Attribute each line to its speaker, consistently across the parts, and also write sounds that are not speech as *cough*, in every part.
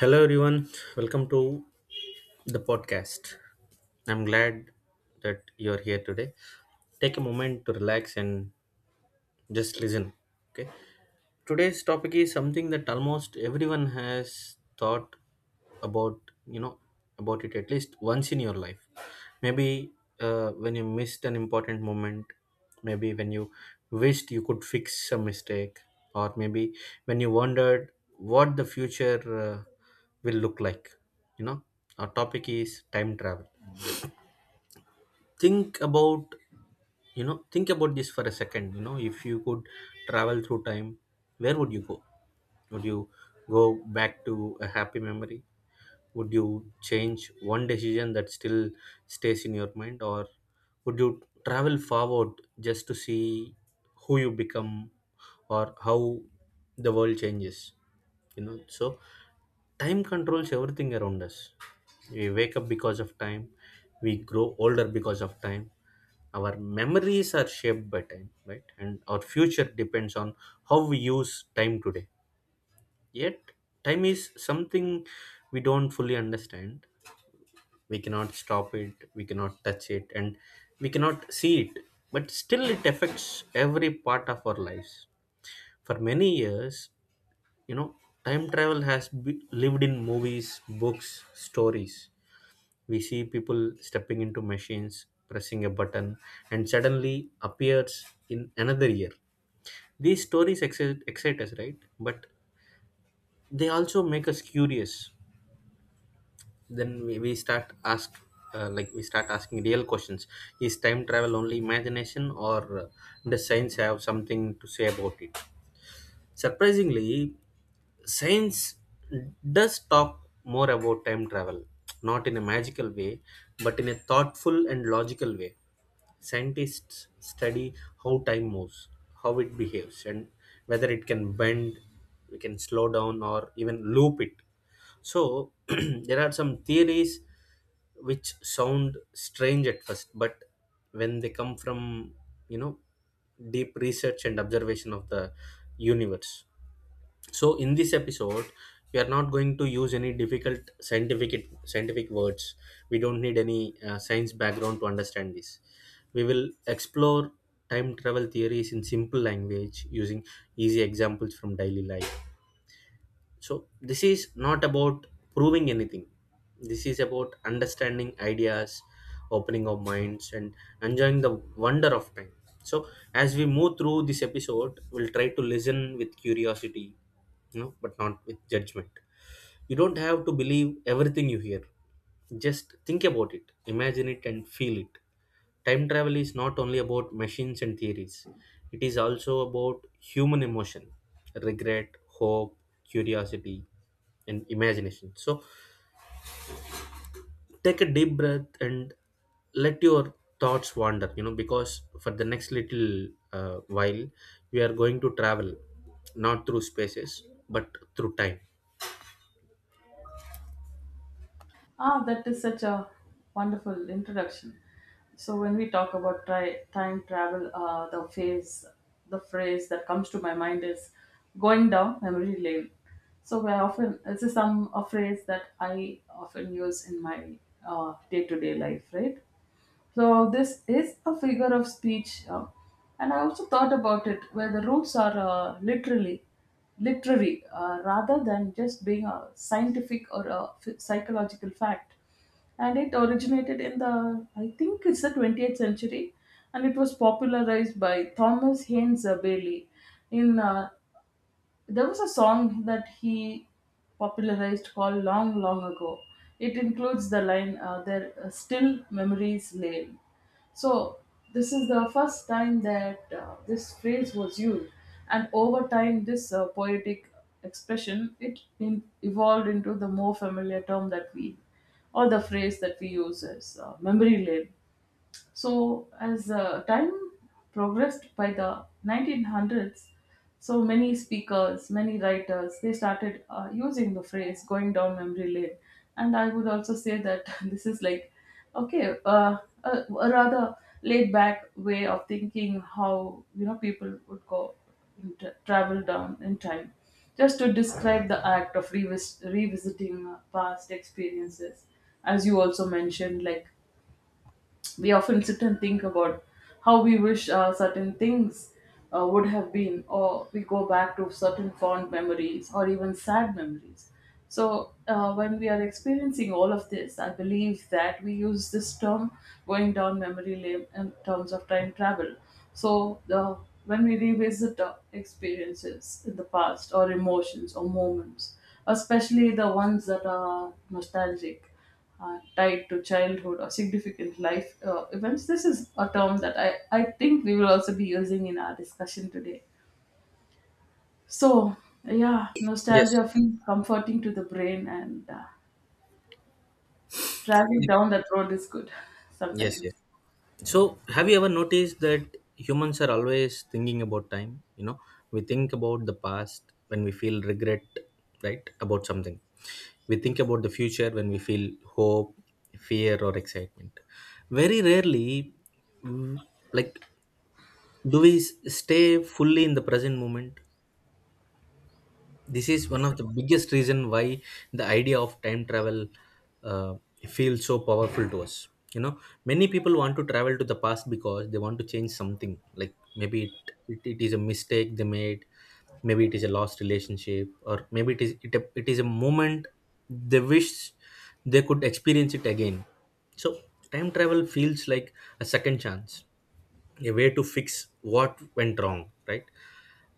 Speaker 1: Hello, everyone. Welcome to the podcast. I'm glad that you're here today. Take a moment to relax and just listen. Okay. Today's topic is something that almost everyone has thought about, you know, about it at least once in your life. Maybe when you missed an important moment, maybe when you wished you could fix a mistake, or maybe when you wondered what the future uh, will look like. You know, our topic is time travel. Think about, think about this for a second. You know, if you could travel through time, where would you go? Would you go back to a happy memory? Would you change one decision that still stays in your mind, or would you travel forward just to see who you become or how the world changes? You know, so time controls everything around us. We wake up because of time, we grow older because of time, our memories are shaped by time, right, and our future depends on how we use time today. Yet, time is something we don't fully understand. We cannot stop it, we cannot touch it, and we cannot see it. But still, it affects every part of our lives. For many years, you know, time travel has be- lived in movies, books, stories. We see people stepping into machines, pressing a button, and suddenly appears in another year. These stories excite us, right? But they also make us curious. Then we start asking real questions. Is time travel only imagination, or does science have something to say about it? Surprisingly, science does talk more about time travel, not in a magical way but in a thoughtful and logical way. Scientists study how time moves, how it behaves, and whether it can bend, we can slow down, or even loop it. So, *clears throat* there are some theories which sound strange at first, but when they come from, you know, deep research and observation of the universe. So, in this episode we are not going to use any difficult scientific scientific words. We don't need any science background to understand this. We will explore time travel theories in simple language using easy examples from daily life. So this is not about proving anything. This is about understanding ideas, opening our minds, and enjoying the wonder of time. So as we move through this episode, we'll try to listen with curiosity, you know, but not with judgment. You don't have to believe everything you hear. Just think about it, imagine it, and feel it. Time travel is not only about machines and theories, it is also about human emotion, regret, hope, curiosity, and imagination. So take a deep breath and let your thoughts wander, you know, because for the next little while, we are going to travel not through spaces but through time.
Speaker 2: Ah, that is such a wonderful introduction. So when we talk about time travel, the phrase that comes to my mind is going down memory lane. So I often this is some a phrase that I often use in my day to day life, right? So this is a figure of speech, and I also thought about it where the roots are literally literary, rather than just being a scientific or a psychological fact. And it originated in the, I think it's the 20th century, and it was popularized by Thomas Haynes, Bailey. In There was a song that he popularized called Long, Long Ago. It includes the line, There are still memories lay. So, this is the first time that this phrase was used, and over time, this poetic expression evolved into the more familiar term that we, or the phrase that we use as memory lane. So, as time progressed, by the 1900s, so many speakers, many writers, they started using the phrase going down memory lane. And I would also say that *laughs* this is like, okay, a rather laid back way of thinking how, you know, people would go in travel down in time, just to describe the act of revisiting past experiences, as you also mentioned, like we often sit and think about how we wish certain things would have been, or we go back to certain fond memories or even sad memories. So, when we are experiencing all of this, I believe that we use this term going down memory lane in terms of time travel. So, when we revisit experiences in the past or emotions or moments, especially the ones that are nostalgic, tied to childhood or significant life events. This is a term that I think we will also be using in our discussion today. So, yeah,
Speaker 1: Yes.
Speaker 2: nostalgia feels comforting to the brain, and driving down that road is good *laughs*
Speaker 1: Yes,
Speaker 2: sometimes.
Speaker 1: yes. So, have you ever noticed that humans are always thinking about time? You know, we think about the past when we feel regret, right, about something. We think about the future when we feel hope, fear, or excitement. Very rarely, mm, like, stay fully in the present moment? This is one of the biggest reason why the idea of time travel uh, feels so powerful to us. You know, many people want to travel to the past because they want to change something, like maybe it is a mistake they made, maybe it is a lost relationship, or maybe it is a moment they wish they could experience it again. So time travel feels like a second chance, a way to fix what went wrong, right?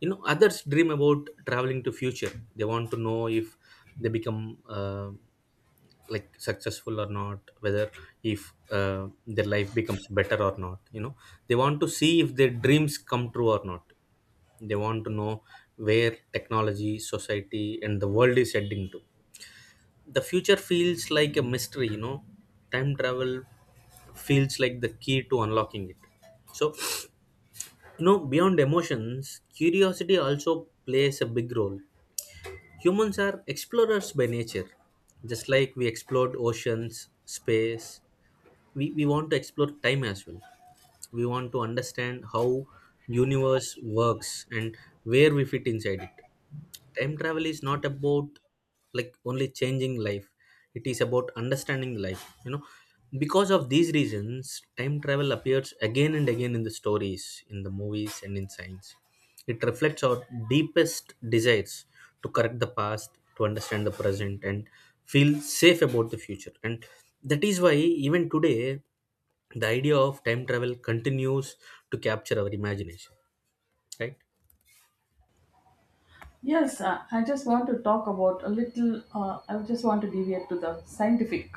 Speaker 1: You know, others dream about traveling to future. They want to know if they become uh, like successful or not, whether if their life becomes better or not. You know, they want to see if their dreams come true or not. They want to know where technology, society, and the world is heading to. The future feels like a mystery, you know. Time travel feels like the key to unlocking it. So, you know, beyond emotions, curiosity also plays a big role. Humans are explorers by nature. Just like we explored oceans, space, we want to explore time as well. We want to understand how universe works and where we fit inside it. Time travel is not about like only changing life, it is about understanding life. You know, because of these reasons, time travel appears again and again in the stories, in the movies, and in science. It reflects our deepest desires to correct the past, to understand the present, and feel safe about the future. And that is why even today, the idea of time travel continues to capture our imagination, right?
Speaker 2: Yes, I just want to talk about a little, I just want to deviate to the scientific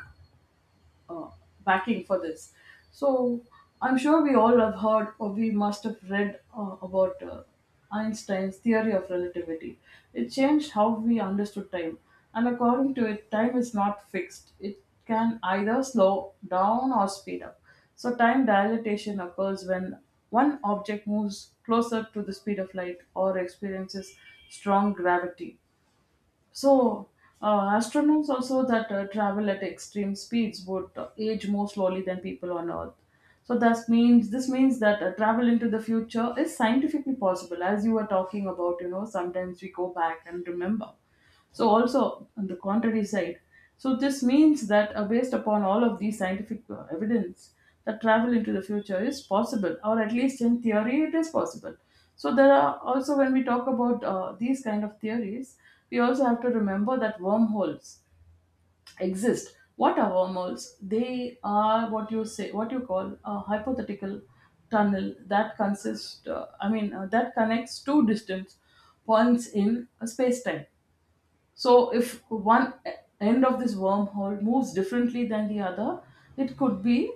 Speaker 2: uh, backing for this. So I'm sure we all have heard or we must have read about Einstein's theory of relativity. It changed how we understood time, and according to it, time is not fixed. It can either slow down or speed up. So time dilatation occurs when one object moves closer to the speed of light or experiences strong gravity. So, astronauts also that travel at extreme speeds would age more slowly than people on Earth. So that means this means that travel into the future is scientifically possible, as you were talking about. You know, sometimes we go back and remember. So also on the contrary side, so this means that based upon all of these scientific evidence, that travel into the future is possible, or at least in theory it is possible. So there are also, when we talk about these kind of theories, we also have to remember that wormholes exist. What are wormholes? They are what you say, what you call a hypothetical tunnel that consists. That connects two distant points in a space-time. So, if one end of this wormhole moves differently than the other, it could be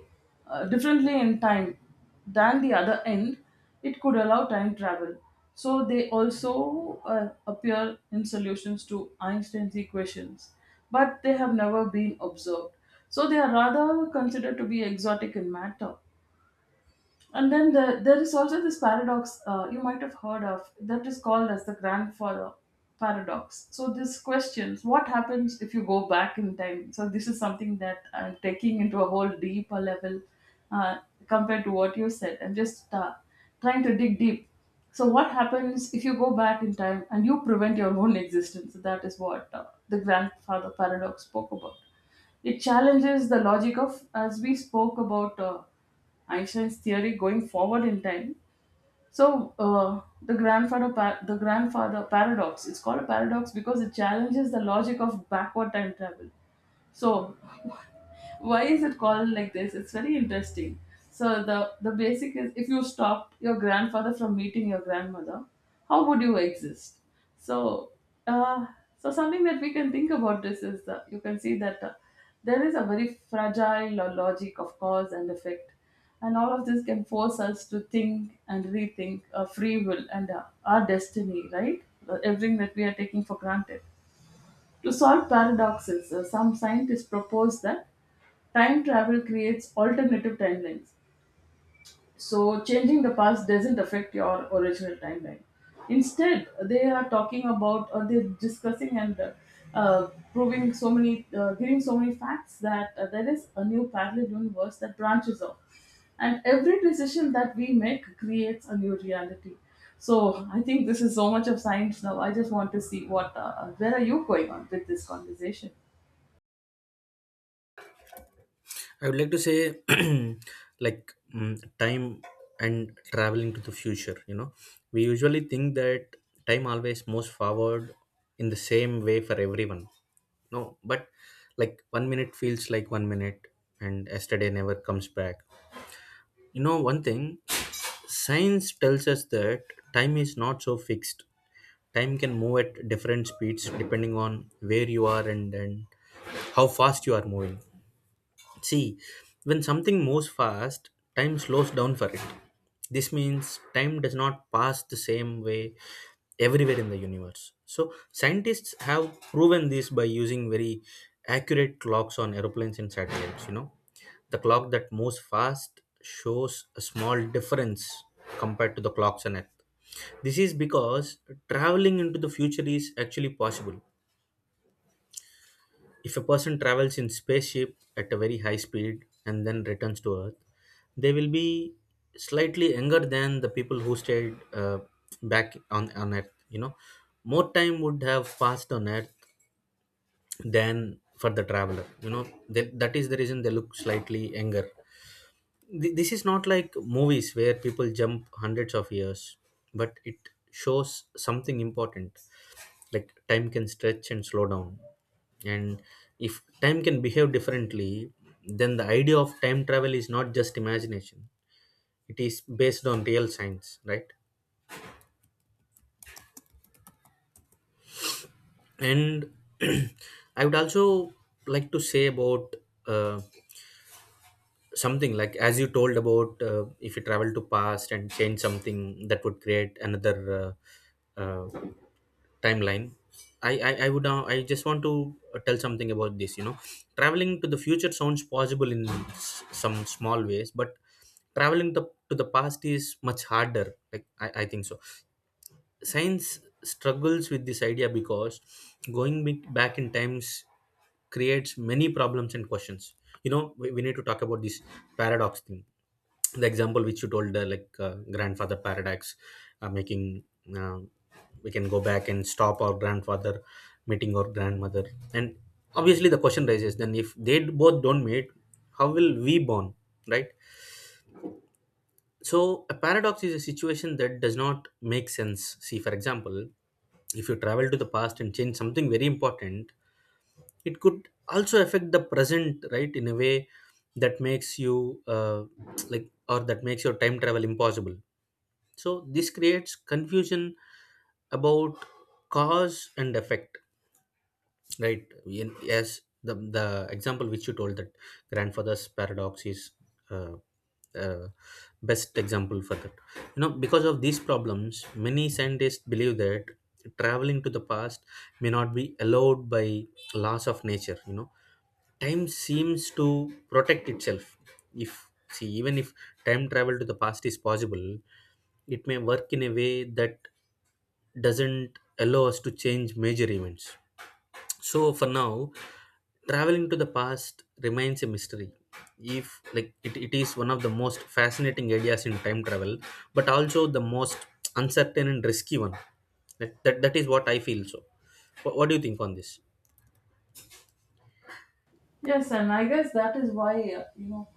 Speaker 2: differently in time than the other end, it could allow time travel. So, they also appear in solutions to Einstein's equations, but they have never been observed. So, they are rather considered to be exotic in matter. And there is also this paradox, you might have heard of, that is called as the grandfather paradox. So this questions what happens if you go back in time. So this is something that I'm taking into a whole deeper level, uh, compared to what you said. I'm just trying to dig deep. So what happens if you go back in time and you prevent your own *laughs* existence? That is what the grandfather paradox spoke about. It challenges the logic of, as we spoke about, Einstein's theory going forward in time. So the grandfather, the grandfather paradox. It's called a paradox because it challenges the logic of backward time travel. So *laughs* why is it called like this? It's very interesting. So the basic is, if you stopped your grandfather from meeting your grandmother, how would you exist? So uh, so something that we can think about, this is that you can see that there is a very fragile logic of cause and effect, and all of this can force us to think and rethink free will and our destiny, right? Everything that we are taking for granted. To solve paradoxes, some scientists propose that time travel creates alternative timelines. So, changing the past doesn't affect your original timeline. Instead, they are talking about, or they're discussing and proving so many, giving so many facts that there is a new parallel universe that branches off. And every decision that we make creates a new reality. So, I think this is so much of science now. I just want to see what, where are you going on with this conversation?
Speaker 1: I would like to say, *clears throat* like, time and traveling to the future. You know, we usually think that time always moves forward in the same way for everyone. No, but like one minute feels like one minute, and yesterday never comes back. You know, one thing science tells us that time is not so fixed. Time can move at different speeds depending on where you are, and how fast you are moving. See, when something moves fast, time slows down for it. This means time does not pass the same way everywhere in the universe. So, scientists have proven this by using very accurate clocks on aeroplanes and satellites. You know, the clock that moves fast shows a small difference compared to the clocks on Earth. This is because traveling into the future is actually possible. If a person travels in spaceship at a very high speed and then returns to Earth, they will be slightly younger than the people who stayed on Earth. You know, more time would have passed on Earth than for the traveler. You know, that that is the reason they look slightly younger. This is not like movies where people jump hundreds of years, but it shows something important, like time can stretch and slow down. And if time can behave differently, then the idea of time travel is not just imagination, it is based on real science, right? And *clears throat* I would also like to say about uh, something like as you told about, if you travel to past and change something, that would create another uh, uh, timeline. I just want to tell something about this. You know, traveling to the future sounds possible in some small ways, but traveling to the past is much harder. I think so. Science struggles with this idea because going back in times creates many problems and questions. You know, we need to talk about this paradox thing. The example which you told, grandfather paradox, making uh, we can go back and stop our grandfather meeting our grandmother, and obviously the question raises, then if they both don't meet, how will we born? Right? So, a paradox is a situation that does not make sense. See, for example, if you travel to the past and change something very important, it could also affect the present, right, in a way that makes you like, or that makes your time travel impossible. So, this creates confusion about cause and effect. Right. Yes, the example which you told, that grandfather's paradox is uh, uh, best example for that. You know, because of these problems, many scientists believe that traveling to the past may not be allowed by laws of nature. You know, time seems to protect itself. If, see, even if time travel to the past is possible, it may work in a way that doesn't allow us to change major events. So for now, traveling to the past remains a mystery. If like it is one of the most fascinating ideas in time travel, but also the most uncertain and risky one. That is what I feel. So what do you think on this?
Speaker 2: Yes, and I guess that is why, you know,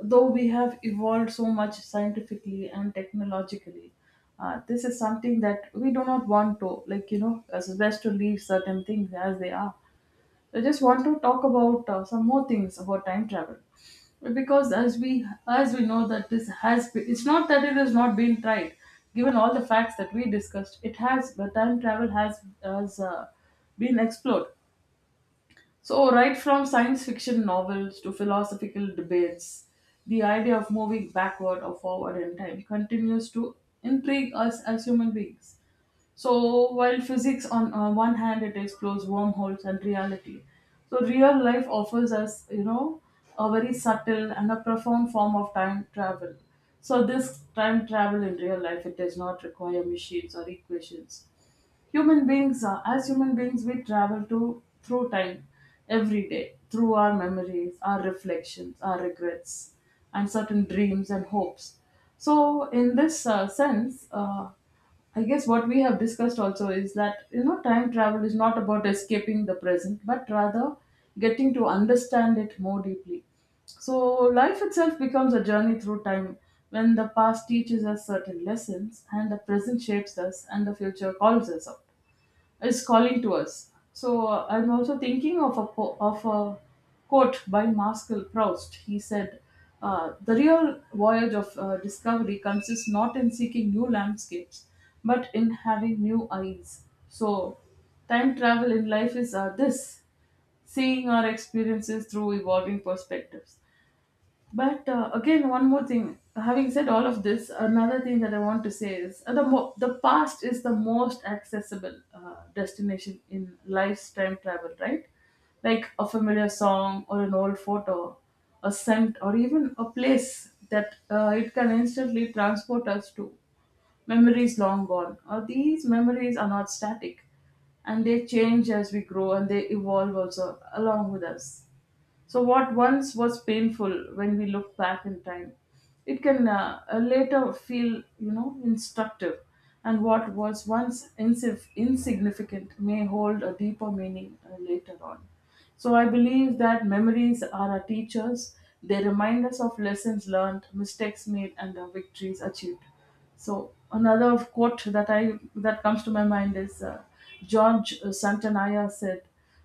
Speaker 2: though we have evolved so much scientifically and technologically, this is something that we do not want to, like, you know, as best to leave certain things as they are. I just want to talk about some more things about time travel. Because as we know that this has been, it's not that it has not been tried. Given all the facts that we discussed, it has the time travel has been explored. So, right from science fiction novels to philosophical debates, the idea of moving backward or forward in time continues to intrigue us as human beings. So, while physics on one hand it explores wormholes and reality, so real life offers us, you know, a very subtle and a profound form of time travel. So, this time travel in real life, it does not require machines or equations. Human beings are as human beings, we travel to through time every day, through our memories, our reflections, our regrets, and certain dreams and hopes. So in this sense, I guess what we have discussed also is that, you know, time travel is not about escaping the present, but rather getting to understand it more deeply. So life itself becomes a journey through time, when the past teaches us certain lessons and the present shapes us and the future calls us out, is calling to us. So I'm also thinking of a quote by Marcel Proust. He said, "The real voyage of discovery consists not in seeking new landscapes, but in having new eyes." So time travel in life is this seeing our experiences through evolving perspectives. But again, one more thing. Having said all of this, another thing that I want to say is the past is the most accessible destination in life's time travel, right? Like a familiar song or an old photo, a scent, or even a place that it can instantly transport us to. Memories long gone. These memories are not static, and they change as we grow and they evolve also along with us. So, what once was painful, when we look back in time, it can later feel, you know, instructive. And what was once insignificant may hold a deeper meaning later on. So, I believe that memories are our teachers. They remind us of lessons learned, mistakes made, and the victories achieved. So another quote that I that comes to my mind is, George Santanaya said,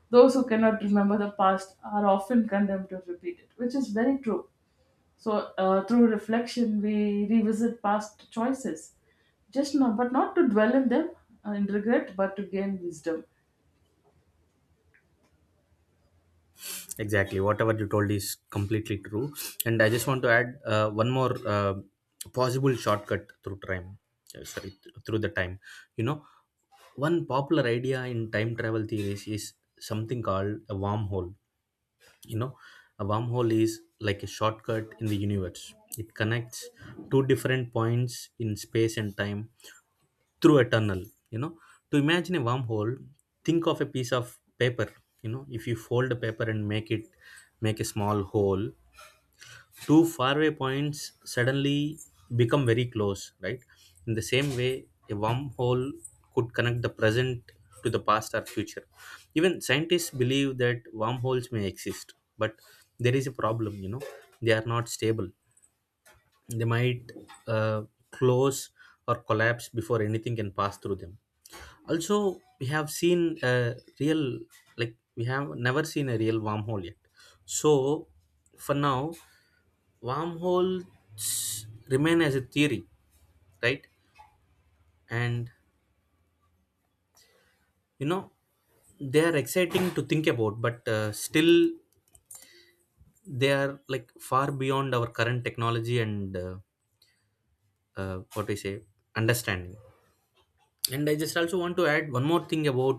Speaker 2: "Those who cannot remember the past are often condemned to repeat it," which is very true. So through reflection, we revisit past choices, just not but not to dwell in them in regret, but to gain wisdom.
Speaker 1: Exactly, whatever you told is completely true. And I just want to add one more possible shortcut through time, sorry th- through the time You know, one popular idea in time travel theories is something called a wormhole. You know, a wormhole is like a shortcut in the universe. It connects two different points in space and time through a tunnel. You know, to imagine a wormhole, think of a piece of paper. You know, if you fold a paper and make a small hole, two faraway points suddenly become very close, right? In the same way, a wormhole could connect the present to the past or future. Even scientists believe that wormholes may exist, but there is a problem, you know, they are not stable. They might uh, close or collapse before anything can pass through them. Also, real, we have never seen a real wormhole yet. So, for now, wormholes remain as a theory, right. And you know they are exciting to think about, but still they are like far beyond our current technology and what we say understanding. And I just also want to add one more thing about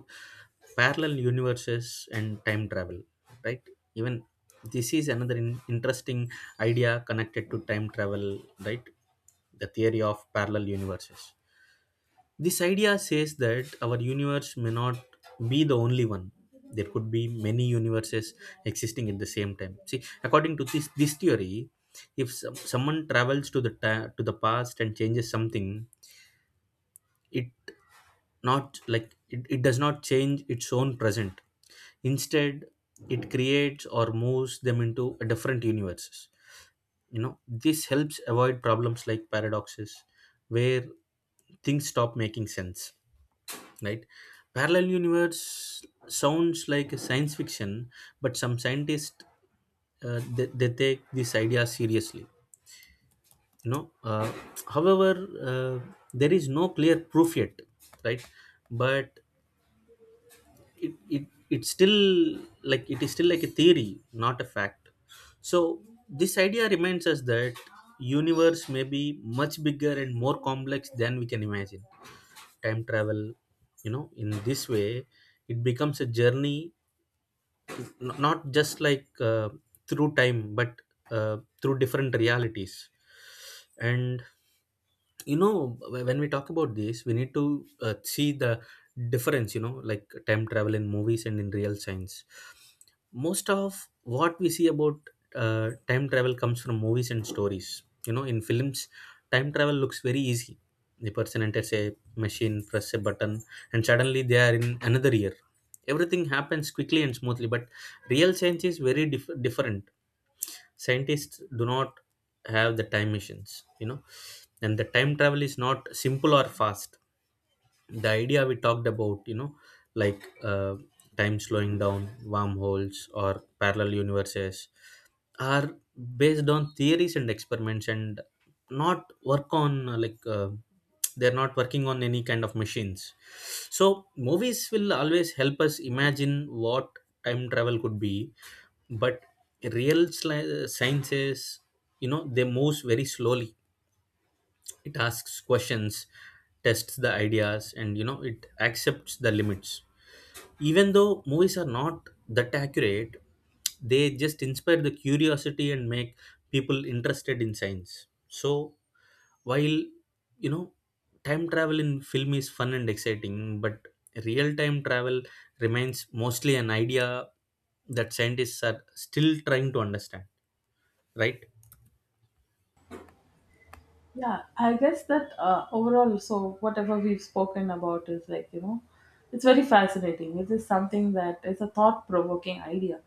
Speaker 1: parallel universes and time travel, right. Even this is another interesting idea connected to time travel, right, the theory of parallel universes. This idea says that our universe may not be the only one. There could be many universes existing at the same time. See, according to this theory, if someone travels to the ta- to the past and changes something, it, not like it does not change its own present. Instead, it creates or moves them into a different universes. You know, this helps avoid problems like paradoxes, where things stop making sense, right. Parallel universe sounds like a science fiction, but some scientists, they take this idea seriously, you know uh, however, there is no clear proof yet, right. But it is still like a theory, not a fact. So this idea reminds us that universe may be much bigger and more complex than we can imagine. Time travel, you know, in this way it becomes a journey, not just like through time, but through different realities. And when we talk about this we need to see the difference, you know, like time travel in movies and in real science. Most of what we see about time travel comes from movies and stories. You know, in films time travel looks very easy. The person enters a machine, press a button, and suddenly they are in another year. Everything happens quickly and smoothly, but real science is very different. Scientists do not have the time machines, you know, and the time travel is not simple or fast. The idea we talked about, you know, like time slowing down, wormholes or parallel universes are based on theories and experiments, and not work on they're not working on any kind of machines. So movies will always help us imagine what time travel could be, but real sciences, you know, they moves very slowly. It asks questions, tests the ideas, and it accepts the limits. Even though movies are not that accurate, they just inspire the curiosity and make people interested in science. So, while, you know time travel in film is fun and exciting, but real time travel remains mostly an idea that scientists are still trying to understand, right.
Speaker 2: Yeah, I guess that overall, so whatever we've spoken about is like, you know, it's very fascinating. It is something that is a thought provoking idea.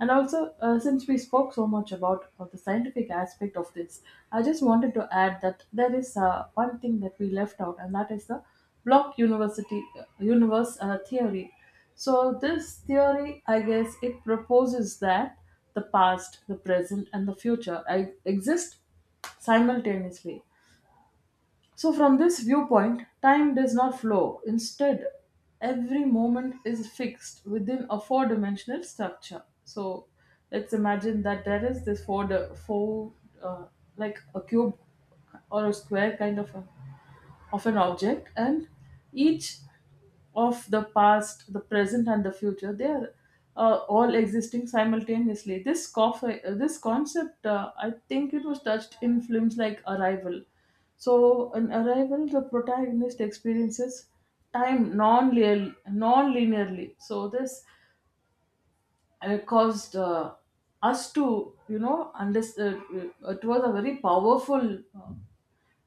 Speaker 2: And also, since we spoke so much about the scientific aspect of this, I just wanted to add that there is one thing that we left out, and that is the block university universe theory. So this theory, I guess, it proposes that the past, the present, and the future I exist simultaneously. So, from this viewpoint, time does not flow. Instead, every moment is fixed within a four dimensional structure. So, let's imagine that there is this four uh, like a cube or a square kind of, a, of an object, and each of the past, the present, and the future. They are all existing simultaneously. This concept, I think it was touched in films like Arrival. So, in Arrival, the protagonist experiences time non linearly. So, this caused us to, you know, understand. It was a very powerful. Uh,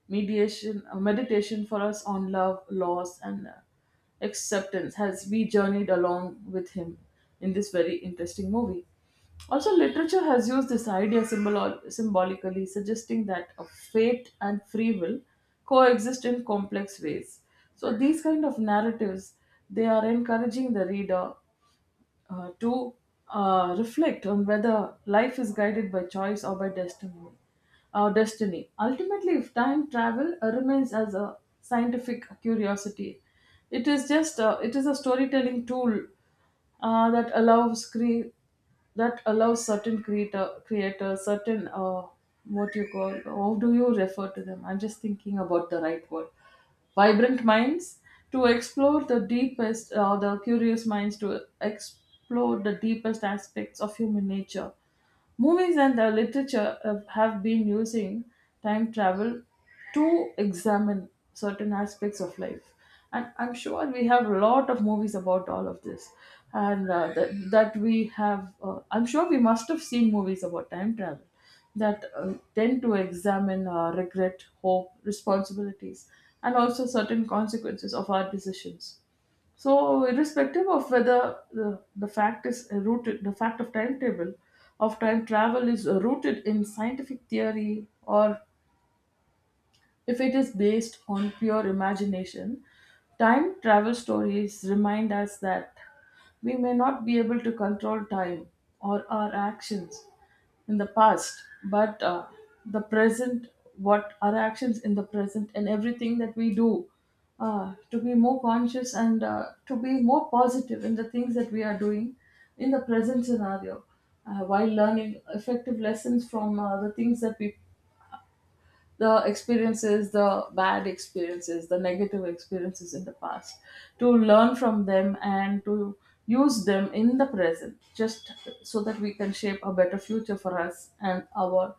Speaker 2: mediation, uh, meditation for us on love, loss, and acceptance as we journeyed along with him in this very interesting movie. Also, literature has used this idea symbolically, suggesting that a fate and free will coexist in complex ways. So, these kind of narratives they are encouraging the reader to reflect on whether life is guided by choice or by destiny. Our destiny. Ultimately, if time travel remains as a scientific curiosity, it is a storytelling tool uh, that allows cre- that allows certain creators certain what you call how do you refer to them? I'm just thinking about the right word. Vibrant minds to explore the deepest, or the curious minds to explore the deepest aspects of human nature. Movies and the literature have been using time travel to examine certain aspects of life. And I'm sure we have a lot of movies about all of this. And that we have, I'm sure we must have seen movies about time travel that tend to examine regret, hope, responsibilities, and also certain consequences of our decisions. So, irrespective of whether the fact of time travel is rooted in scientific theory or if it is based on pure imagination, time travel stories remind us that we may not be able to control time or our actions in the past, but the present, what our actions in the present and everything that we do, to be more conscious and to be more positive in the things that we are doing in the present scenario while learning effective lessons from the things that we the experiences, the bad experiences, the negative experiences in the past, to learn from them and to use them in the present, just so that we can shape a better future for us and our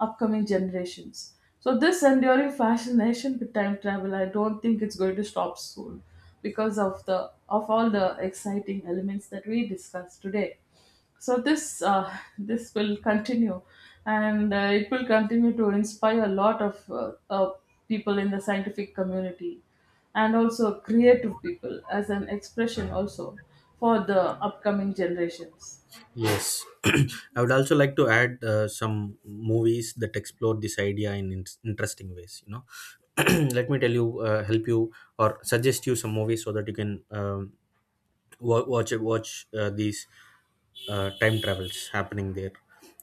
Speaker 2: upcoming generations. So, this enduring fascination with time travel, I don't think it's going to stop soon because of all the exciting elements that we discussed today. So this will continue, and it will continue to inspire a lot of people in the scientific community, and also creative people as an expression also for the upcoming generations.
Speaker 1: Yes, *clears throat* I would also like to add some movies that explore this idea in, interesting ways. You know, *clears throat* let me tell you, help you, or suggest you some movies so that you can wa- watch watch these time travels happening there.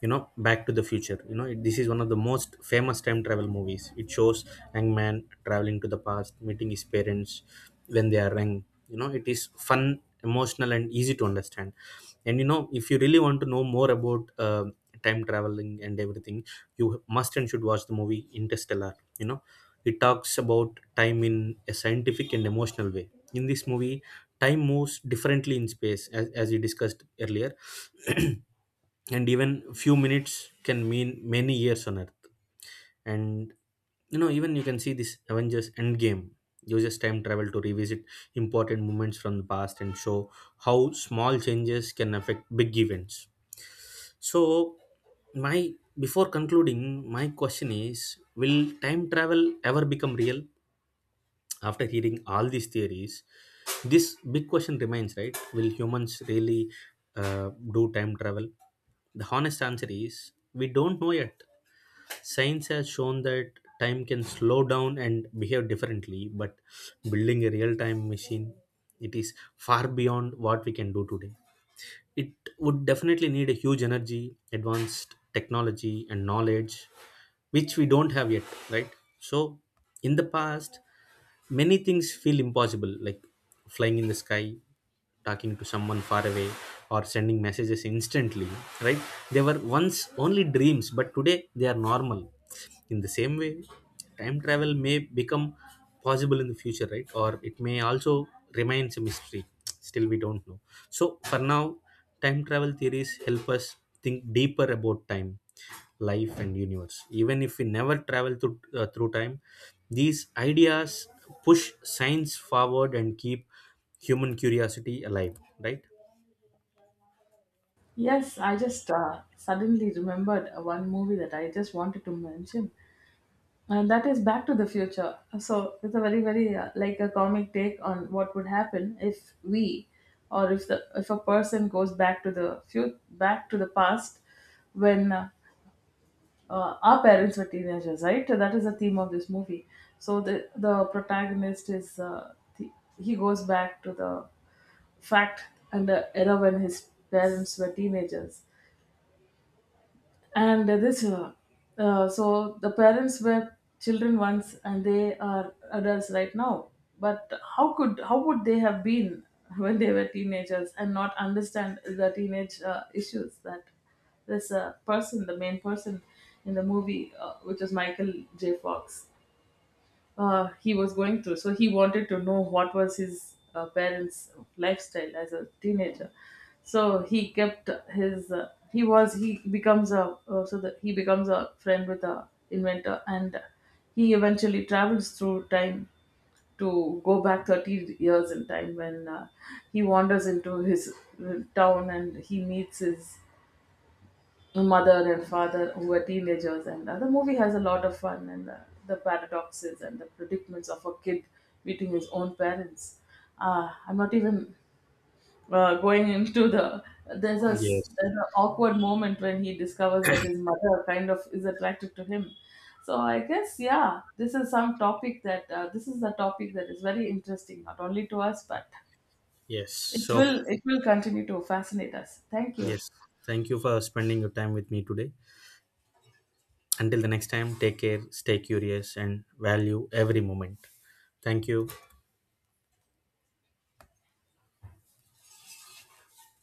Speaker 1: You know, Back to the Future, you know this is one of the most famous time travel movies. It shows young man traveling to the past, meeting his parents when they are young. You know, it is fun, emotional, and easy to understand. And you know, if you really want to know more about time traveling and everything, you must and should watch the movie Interstellar. You know, it talks about time in a scientific and emotional way. In this movie, time moves differently in space, as we discussed earlier. *clears throat* And even few minutes can mean many years on Earth. And you know, even you can see this Avengers Endgame uses time travel to revisit important moments from the past and show how small changes can affect big events. So, my before concluding, my question is, will time travel ever become real? After hearing all these theories, this big question remains, right, will humans really do time travel? The honest answer is, we don't know yet. Science has shown that time can slow down and behave differently, but building a real time machine, it is far beyond what we can do today. It would definitely need a huge energy, advanced technology, and knowledge, which we don't have yet, right. So, in the past, many things feel impossible, like flying in the sky, talking to someone far away, or sending messages instantly, right. They were once only dreams, but today they are normal. In the same way, time travel may become possible in the future, right, or it may also remains a mystery, still we don't know. So for now, time travel theories help us think deeper about time, life, and universe. Even if we never travel through time, these ideas push science forward and keep human curiosity alive, right.
Speaker 2: Yes, I just suddenly remembered one movie that I just wanted to mention. And that is Back to the Future. So it's a very, very, like a comic take on what would happen if we, or if a person goes back to the future, back to the past, when our parents were teenagers, right? That is the theme of this movie. So the protagonist is he goes back to the fact and the era when his parents were teenagers and this so the parents were children once and they are adults right now, but how could how would they have been *laughs* when they were teenagers and not understand the teenage issues that this person, the main person in the movie, which is Michael J. Fox, he was going through. So he wanted to know what was his parents' lifestyle as a teenager. So he kept his. He was. He becomes a. So that he becomes a friend with a inventor, and he eventually travels through time to go back 30 years in time when he wanders into his town and he meets his mother and father who are teenagers, and the movie has a lot of fun and the paradoxes and the predicaments of a kid meeting his own parents. I'm not even going into the there's a
Speaker 1: Yes.
Speaker 2: s- there's an awkward moment when he discovers that his mother kind of is attracted to him. So I guess, yeah, this is a topic that is very interesting not only to us, but
Speaker 1: Yes,
Speaker 2: it
Speaker 1: so
Speaker 2: will it will continue to fascinate us. Thank you.
Speaker 1: yes, thank you for spending your time with me today. Until the next time, take care, stay curious, and value every moment. Thank you.